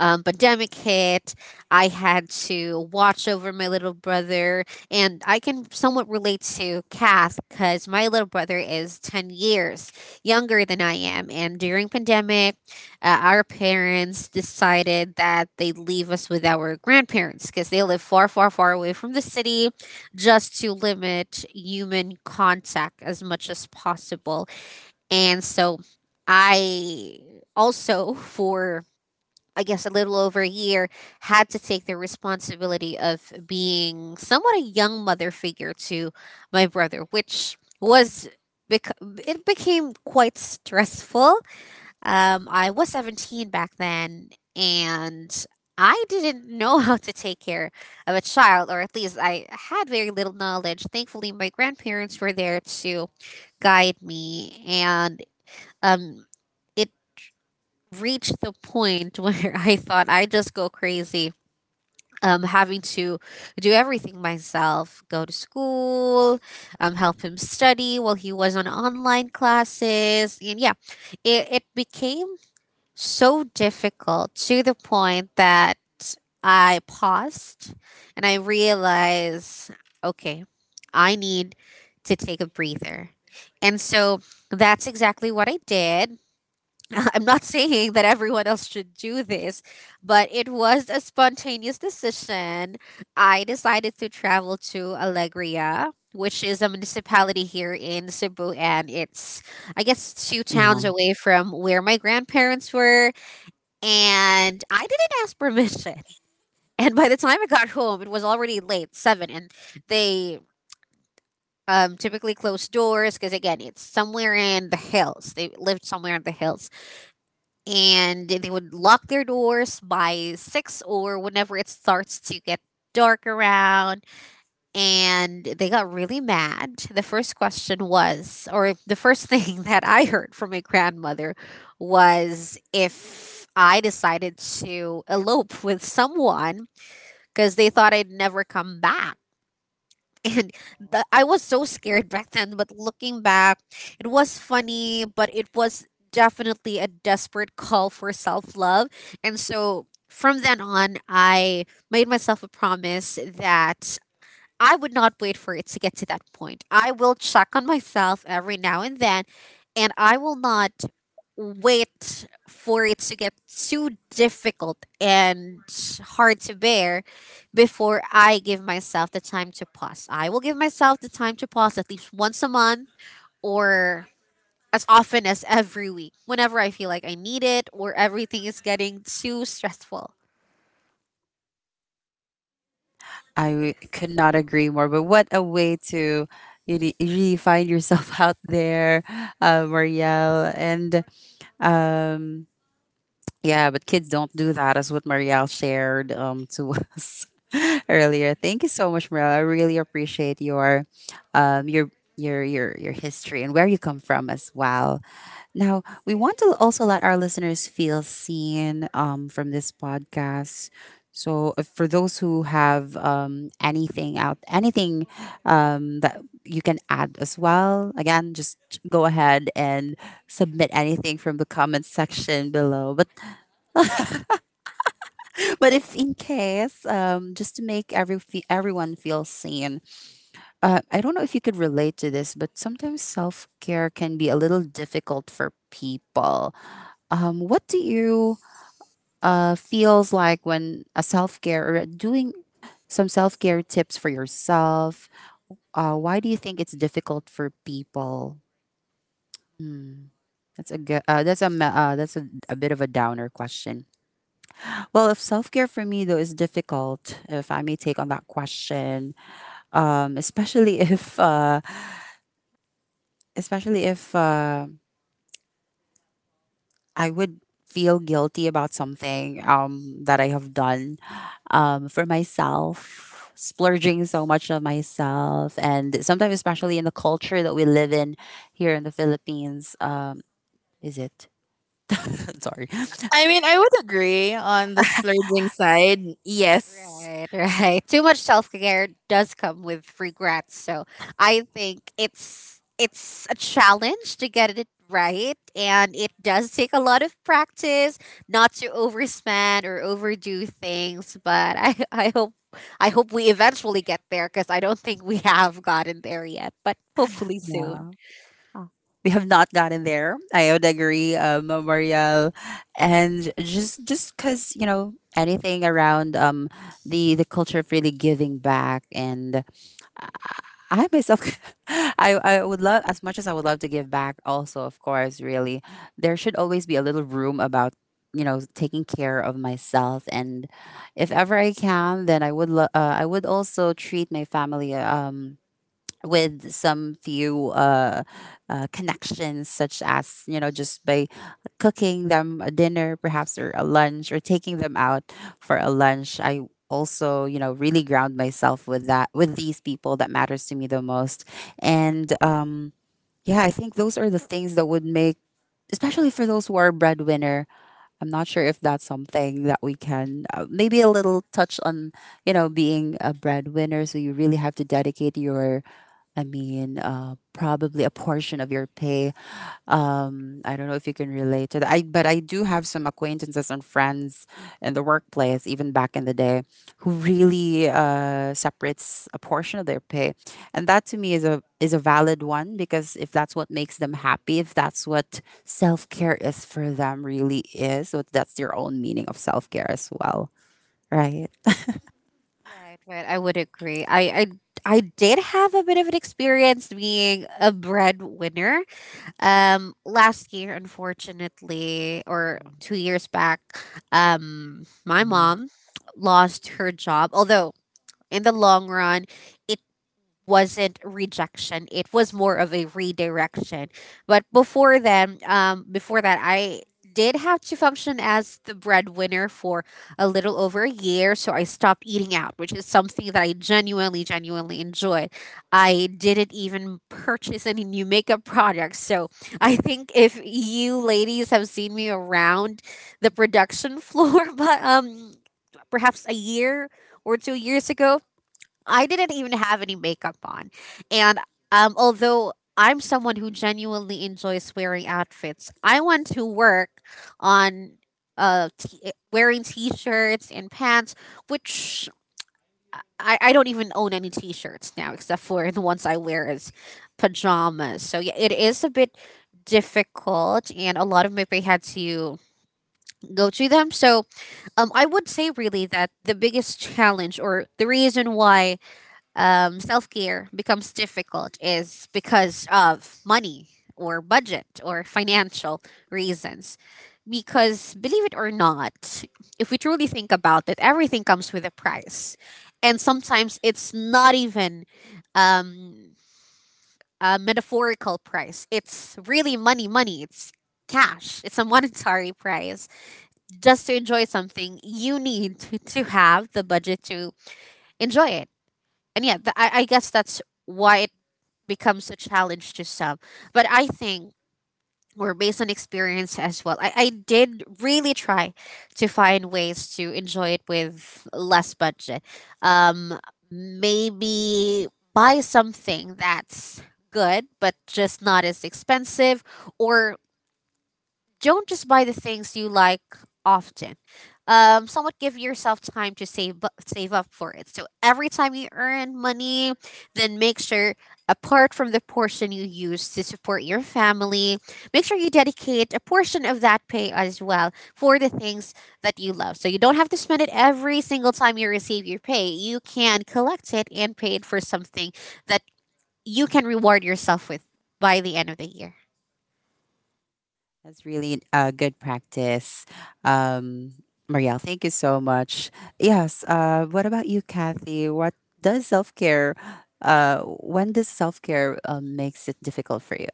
C: um, pandemic hit. I had to watch over my little brother, and I can somewhat relate to Kath because my little brother is ten years younger than I am. And during pandemic, uh, our parents decided that they leave us with our grandparents because they live far, far, far away from the city, just to limit human contact as much as possible. And so I also for, I guess, a little over a year, had to take the responsibility of being somewhat a young mother figure to my brother, which was bec- it became quite stressful. Um, I was seventeen back then, and I didn't know how to take care of a child, or at least I had very little knowledge. Thankfully, my grandparents were there to guide me, and um, it reached the point where I thought I just go crazy. Um, having to do everything myself, go to school, um, help him study while he was on online classes. And yeah, it, it became so difficult to the point that I paused and I realized, okay, I need to take a breather. And so that's exactly what I did. I'm not saying that everyone else should do this, but it was a spontaneous decision. I decided to travel to Alegria, which is a municipality here in Cebu, and it's, I guess, two towns
A: No,
C: away from where my grandparents were. And I didn't ask permission. And by the time I got home, it was already late, seven, and they. Um, typically close doors because again it's somewhere in the hills, they lived somewhere in the hills, and they would lock their doors by six or whenever it starts to get dark around, and they got really mad. The first question was, or the first thing that I heard from my grandmother was if I decided to elope with someone, because they thought I'd never come back. And the, I was so scared back then. But looking back, it was funny, but it was definitely a desperate call for self love. And so from then on, I made myself a promise that I would not wait for it to get to that point. I will check on myself every now and then, and I will not wait for it to get too difficult and hard to bear before I give myself the time to pause. I will give myself the time to pause at least once a month, or as often as every week, whenever I feel like I need it or everything is getting too stressful.
A: I could not agree more. But what a way to, you re- really find yourself out there, uh, Marielle, and um yeah, but kids don't do that, as what Marielle shared, um to us earlier. Thank you so much, Marielle. I really appreciate your, um your your your your history and where you come from as well. Now, we want to also let our listeners feel seen, um, from this podcast. So, if, for those who have, um, anything out, anything, um, that you can add as well, again, just go ahead and submit anything from the comment section below. But, but if in case, um, just to make every fe- everyone feel seen, uh, I don't know if you could relate to this, but sometimes self care can be a little difficult for people. um, what do you, uh, feels like when a self care or doing some self care tips for yourself. Uh, why do you think it's difficult for people? Hmm, that's a good. Uh, that's a ma- uh, that's a, a bit of a downer question. Well, if self care for me though is difficult, if I may take on that question, um, especially if uh, especially if, uh, I would feel guilty about something, um that I have done, um, for myself, splurging so much on myself. And sometimes, especially in the culture that we live in here in the Philippines, um, is it? Sorry.
B: I mean, I would agree on the splurging side. Yes.
C: Right, right. Too much self care does come with regrets. So I think it's it's a challenge to get it right, and it does take a lot of practice not to overspend or overdo things, but I, I hope I hope we eventually get there, because I don't think we have gotten there yet, but hopefully soon.
A: Yeah. We have not gotten there. I would agree, um, Marielle. And just just because, you know, anything around, um, the, the culture of really giving back, and I myself, I, I would love, as much as I would love to give back, also, of course, really, there should always be a little room about, you know, taking care of myself. And if ever I can, then I would, lo- uh, I would also treat my family. Um, with some few, uh, uh, connections, such as, you know, just by cooking them a dinner, perhaps, or a lunch, or taking them out for a lunch. I also, you know, really ground myself with that with these people that matters to me the most, and, um, yeah, I think those are the things that would make. Especially for those who are breadwinner, I'm not sure if that's something that we can, uh, maybe a little touch on, you know, being a breadwinner. So you really have to dedicate your, I mean, uh, probably a portion of your pay. Um, I don't know if you can relate to that. I, but I do have some acquaintances and friends in the workplace, even back in the day, who really, uh, separates a portion of their pay, and that to me is a is a valid one, because if that's what makes them happy, if that's what self care is for them, really is, so that's their own meaning of self care as well, right?
C: Right, right. I would agree. I, I I did have a bit of an experience being a breadwinner. Um, last year, unfortunately, or two years back, um, my
A: Mm-hmm.
C: mom lost her job. Although in the long run, it wasn't rejection, it was more of a redirection. But before then um, before that, I did have to function as the breadwinner for a little over a year, so I stopped eating out, which is something that I genuinely, genuinely enjoy. I didn't even purchase any new makeup products, so I think if you ladies have seen me around the production floor but um perhaps a year or two years ago, I didn't even have any makeup on. And um, although I'm someone who genuinely enjoys wearing outfits, I want to work on uh, t- wearing t shirts and pants, which I-, I don't even own any t shirts now, except for the ones I wear as pajamas. So yeah, it is a bit difficult, and a lot of my pay had to go to them. So um I would say really that the biggest challenge or the reason why um, self care becomes difficult is because of money or budget or financial reasons. Because believe it or not, if we truly think about it, everything comes with a price. And sometimes it's not even um, a metaphorical price, it's really money, money. It's cash, it's a monetary price. Just to enjoy something, you need to to have the budget to enjoy it. And yeah, th- I, I guess that's why becomes a challenge to some. But I think we're based on experience as well. I, I did really try to find ways to enjoy it with less budget. Um, maybe buy something that's good but just not as expensive, or don't just buy the things you like often. Um, somewhat give yourself time to save bu- save up for it. So every time you earn money, then make sure, apart from the portion you use to support your family, make sure you dedicate a portion of that pay as well for the things that you love. So you don't have to spend it every single time you receive your pay. You can collect it and pay it for something that you can reward yourself with by the end of the year.
A: That's really a good practice. Um, Marielle, thank you so much. Yes. Uh, what about you, Kathy? What does self care? Uh, when does self care, uh, makes it difficult for you?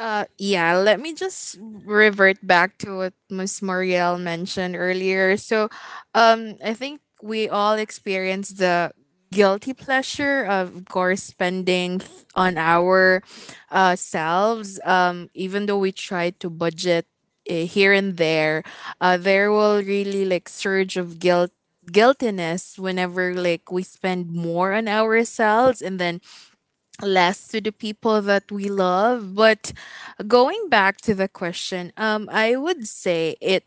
B: Uh, yeah, let me just revert back to what Miss Muriel mentioned earlier. So um, I think we all experience the guilty pleasure of course spending th- on our uh, selves. Um, even though we try to budget, eh, here and there, uh, there will really like surge of guilt guiltiness whenever, like, we spend more on ourselves and then less to the people that we love. But going back to the question, um, I would say it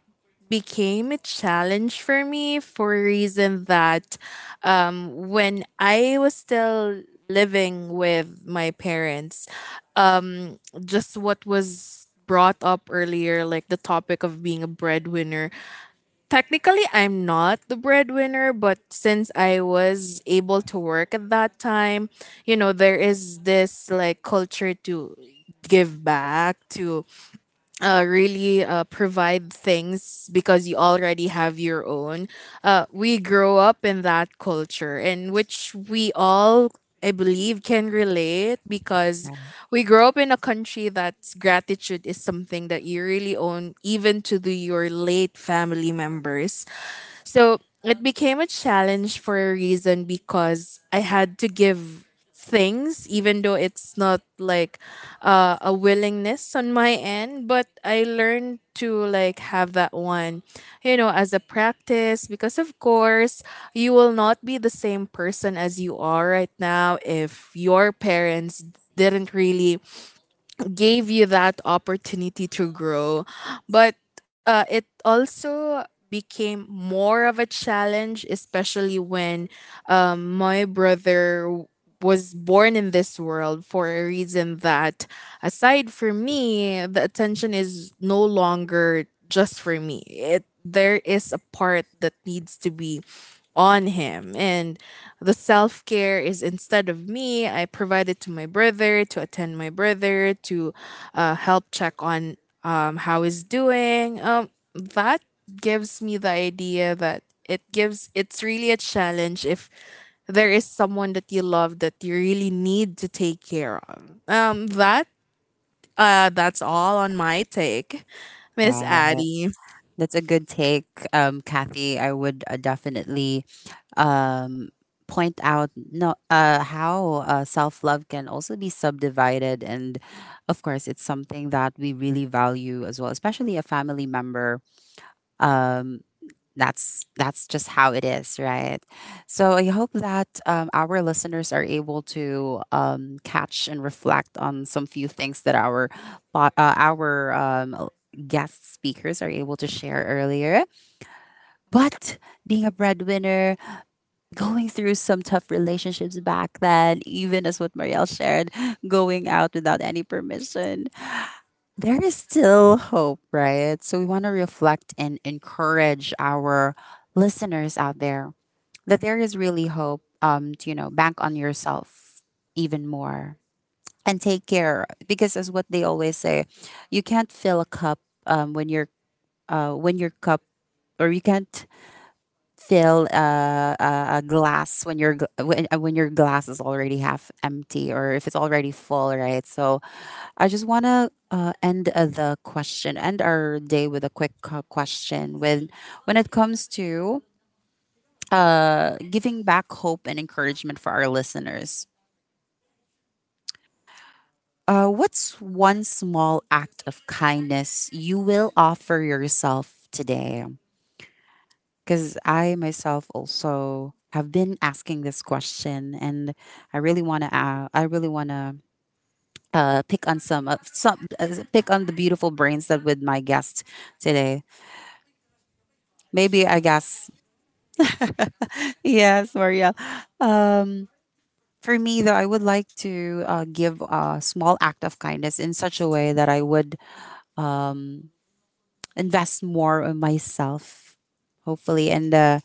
B: became a challenge for me for a reason that, um, when I was still living with my parents, um, just what was brought up earlier, like the topic of being a breadwinner. Technically, I'm not the breadwinner, but since I was able to work at that time, you know, there is this like culture to give back, to uh, really uh, provide things because you already have your own. Uh, we grow up in that culture, in which we all, I believe, can relate, because we grow up in a country that's gratitude is something that you really own, even to the, your late family members. So it became a challenge for a reason because I had to give things, even though it's not like uh, a willingness on my end. But I learned to like have that one, you know, as a practice, because of course, you will not be the same person as you are right now if your parents didn't really gave you that opportunity to grow. But uh, it also became more of a challenge, especially when um, my brother w- was born in this world, for a reason that, aside from me, the attention is no longer just for me. It There is a part that needs to be on him. And the self care is, instead of me, I provide it to my brother, to attend my brother, to uh, help check on um, how he's doing. Um, that gives me the idea that it gives, it's really a challenge if there is someone that you love that you really need to take care of. Um, that uh, that's all on my take, Miss
A: Right.
B: Addie.
A: That's a good take, um, Kathy. I would, uh, definitely, um, point out, no, uh, how, uh, self love can also be subdivided. And of course, it's something that we really value as well, especially a family member. Um, that's that's just how it is, right? So I hope that um, our listeners are able to um, catch and reflect on some few things that our po- uh, our um, l- guest speakers are able to share earlier, but being a breadwinner, going through some tough relationships back then, even as what Marielle shared, going out without any permission, there is still hope, right? So we want to reflect and encourage our listeners out there that there is really hope, um, to, you know, bank on yourself even more and take care, because as what they always say, you can't fill a cup um, when you're uh, when your cup, or you can't fill a, a, a glass when your gl- when, uh, when your glass is already half empty or if it's already full, right? So I just want to uh, end uh, the question, end our day with a quick cu- question when when it comes to uh, giving back hope and encouragement for our listeners. Uh, what's one small act of kindness you will offer yourself today? Because I myself also have been asking this question, and I really want to. Uh, I really want to uh, pick on some, uh, some uh, pick on the beautiful brains that with my guest today. Maybe I guess yes, Marielle. Um, For me, though, I would like to uh, give a small act of kindness in such a way that I would invest more on myself, hopefully, and uh,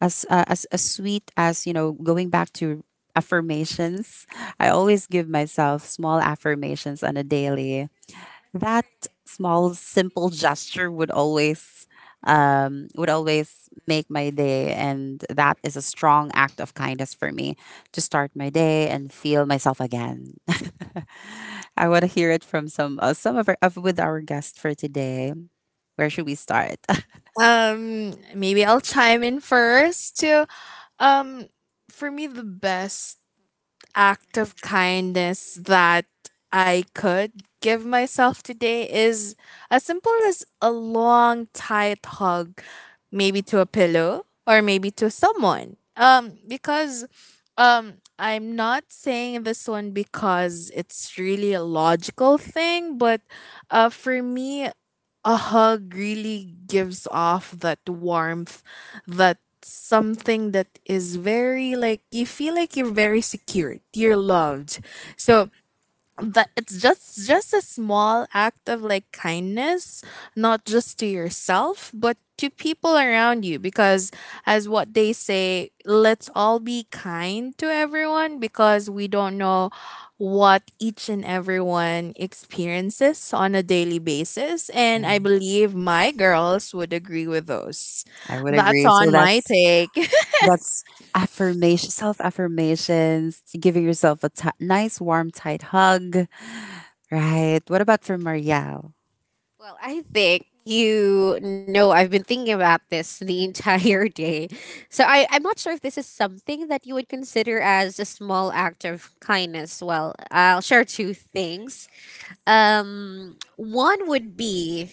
A: as uh, as as sweet as, you know, going back to affirmations, I always give myself small affirmations on a daily. That small simple gesture would always um, would always make my day, and that is a strong act of kindness for me to start my day and feel myself again. I want to hear it from some uh, some of our of, with our guest for today. Where should we start?
B: Um, maybe I'll chime in first too. Um, for me, the best act of kindness that I could give myself today is as simple as a long, tight hug, maybe to a pillow or maybe to someone. Um, because um, I'm not saying this one because it's really a logical thing, but uh, for me, a hug really gives off that warmth, that something that is very, like, you feel like you're very secured, you're loved. So that it's just just a small act of like kindness, not just to yourself but to people around you, because as what they say, let's all be kind to everyone, because we don't know what each and everyone experiences on a daily basis, and I believe my girls would agree with those.
A: I would
B: That's
A: agree, so
B: on my
A: that's
B: take.
A: that's affirmation, self affirmations, giving yourself a ti- nice warm tight hug. Right, what about for Marielle?
C: Well, I think you know I've been thinking about this the entire day. So I, I'm not sure if this is something that you would consider as a small act of kindness. Well, I'll share two things. Um, one would be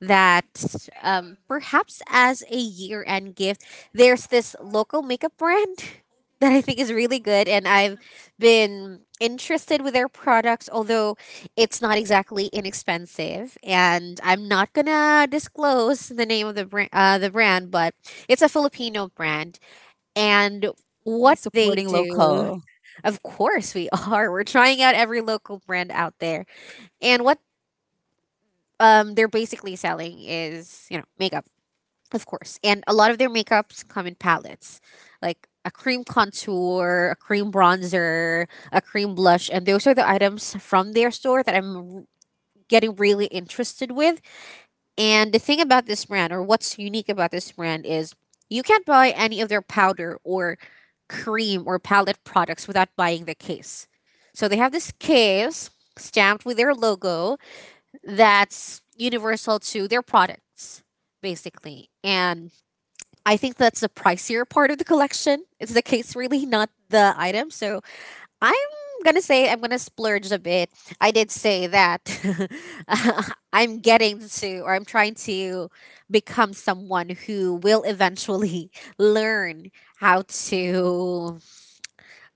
C: that um, perhaps as a year end gift, there's this local makeup brand that I think is really good, and I've been interested with their products, although it's not exactly inexpensive. And I'm not gonna disclose the name of the brand, uh, the brand, but it's a Filipino brand, and
A: At
C: what
A: least
C: they
A: supporting
C: do,
A: local.
C: of course, we are we're trying out every local brand out there. And what um, they're basically selling is, you know, makeup, of course, and a lot of their makeups come in palettes, like a cream contour, a cream bronzer, a cream blush, and those are the items from their store that I'm r- getting really interested with. And the thing about this brand, or what's unique about this brand, is you can't buy any of their powder or cream or palette products without buying the case. So they have this case stamped with their logo that's universal to their products, basically. And I think that's the pricier part of the collection. It's the case, really, not the item. So I'm gonna say I'm gonna splurge a bit. I did say that I'm getting to, or I'm trying to become someone who will eventually learn how to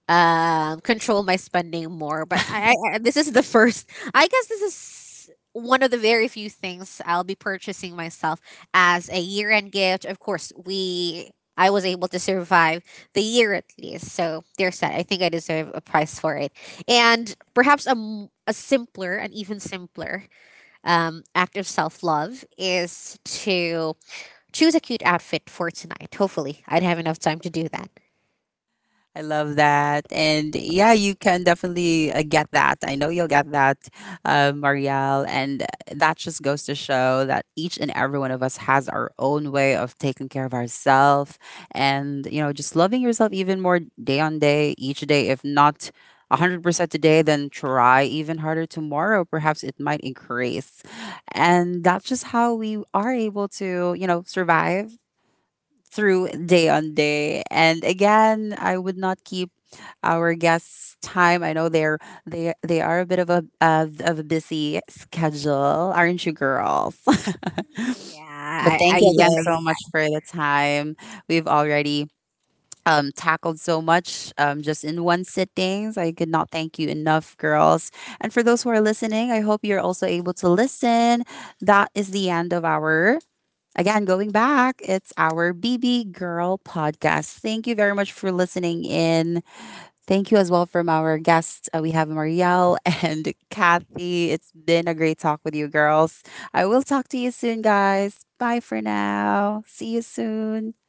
C: um control my spending more, but I, I, this is the first, I guess this is one of the very few things I'll be purchasing myself as a year-end gift. Of course, we I was able to survive the year, at least, so there's that. I think I deserve a prize for it. And perhaps a, m- a simpler and even simpler um, act of self-love is to choose a cute outfit for tonight, hopefully I'd have enough time to do that.
A: I love that. And yeah, you can definitely uh, get that. I know you'll get that, uh, Marielle. And uh, that just goes to show that each and every one of us has our own way of taking care of ourselves and, you know, just loving yourself even more day on day, each day. If not one hundred percent today, then try even harder tomorrow. Perhaps it might increase. And that's just how we are able to, you know, survive through day on day. And again, I would not keep our guests time. I know they're they they are a bit of a of, of a busy schedule, aren't you girls?
B: Mhm.
C: Yeah,
A: But
C: i, I,
A: thank you
C: you could
A: again so
B: Yes.
C: say
A: much for the time. We've already um, tackled so much um, just in one sitting. So I could not thank you enough, girls. And for those who are listening, I hope you're also able to listen. That is the end of our. Again, going back, it's our B B Girl podcast. Thank you very much for listening in. Thank you as well from our guests. Uh, we have Marielle and Kathy. It's been a great talk with you girls. I will talk to you soon, guys. Bye for now. See you soon.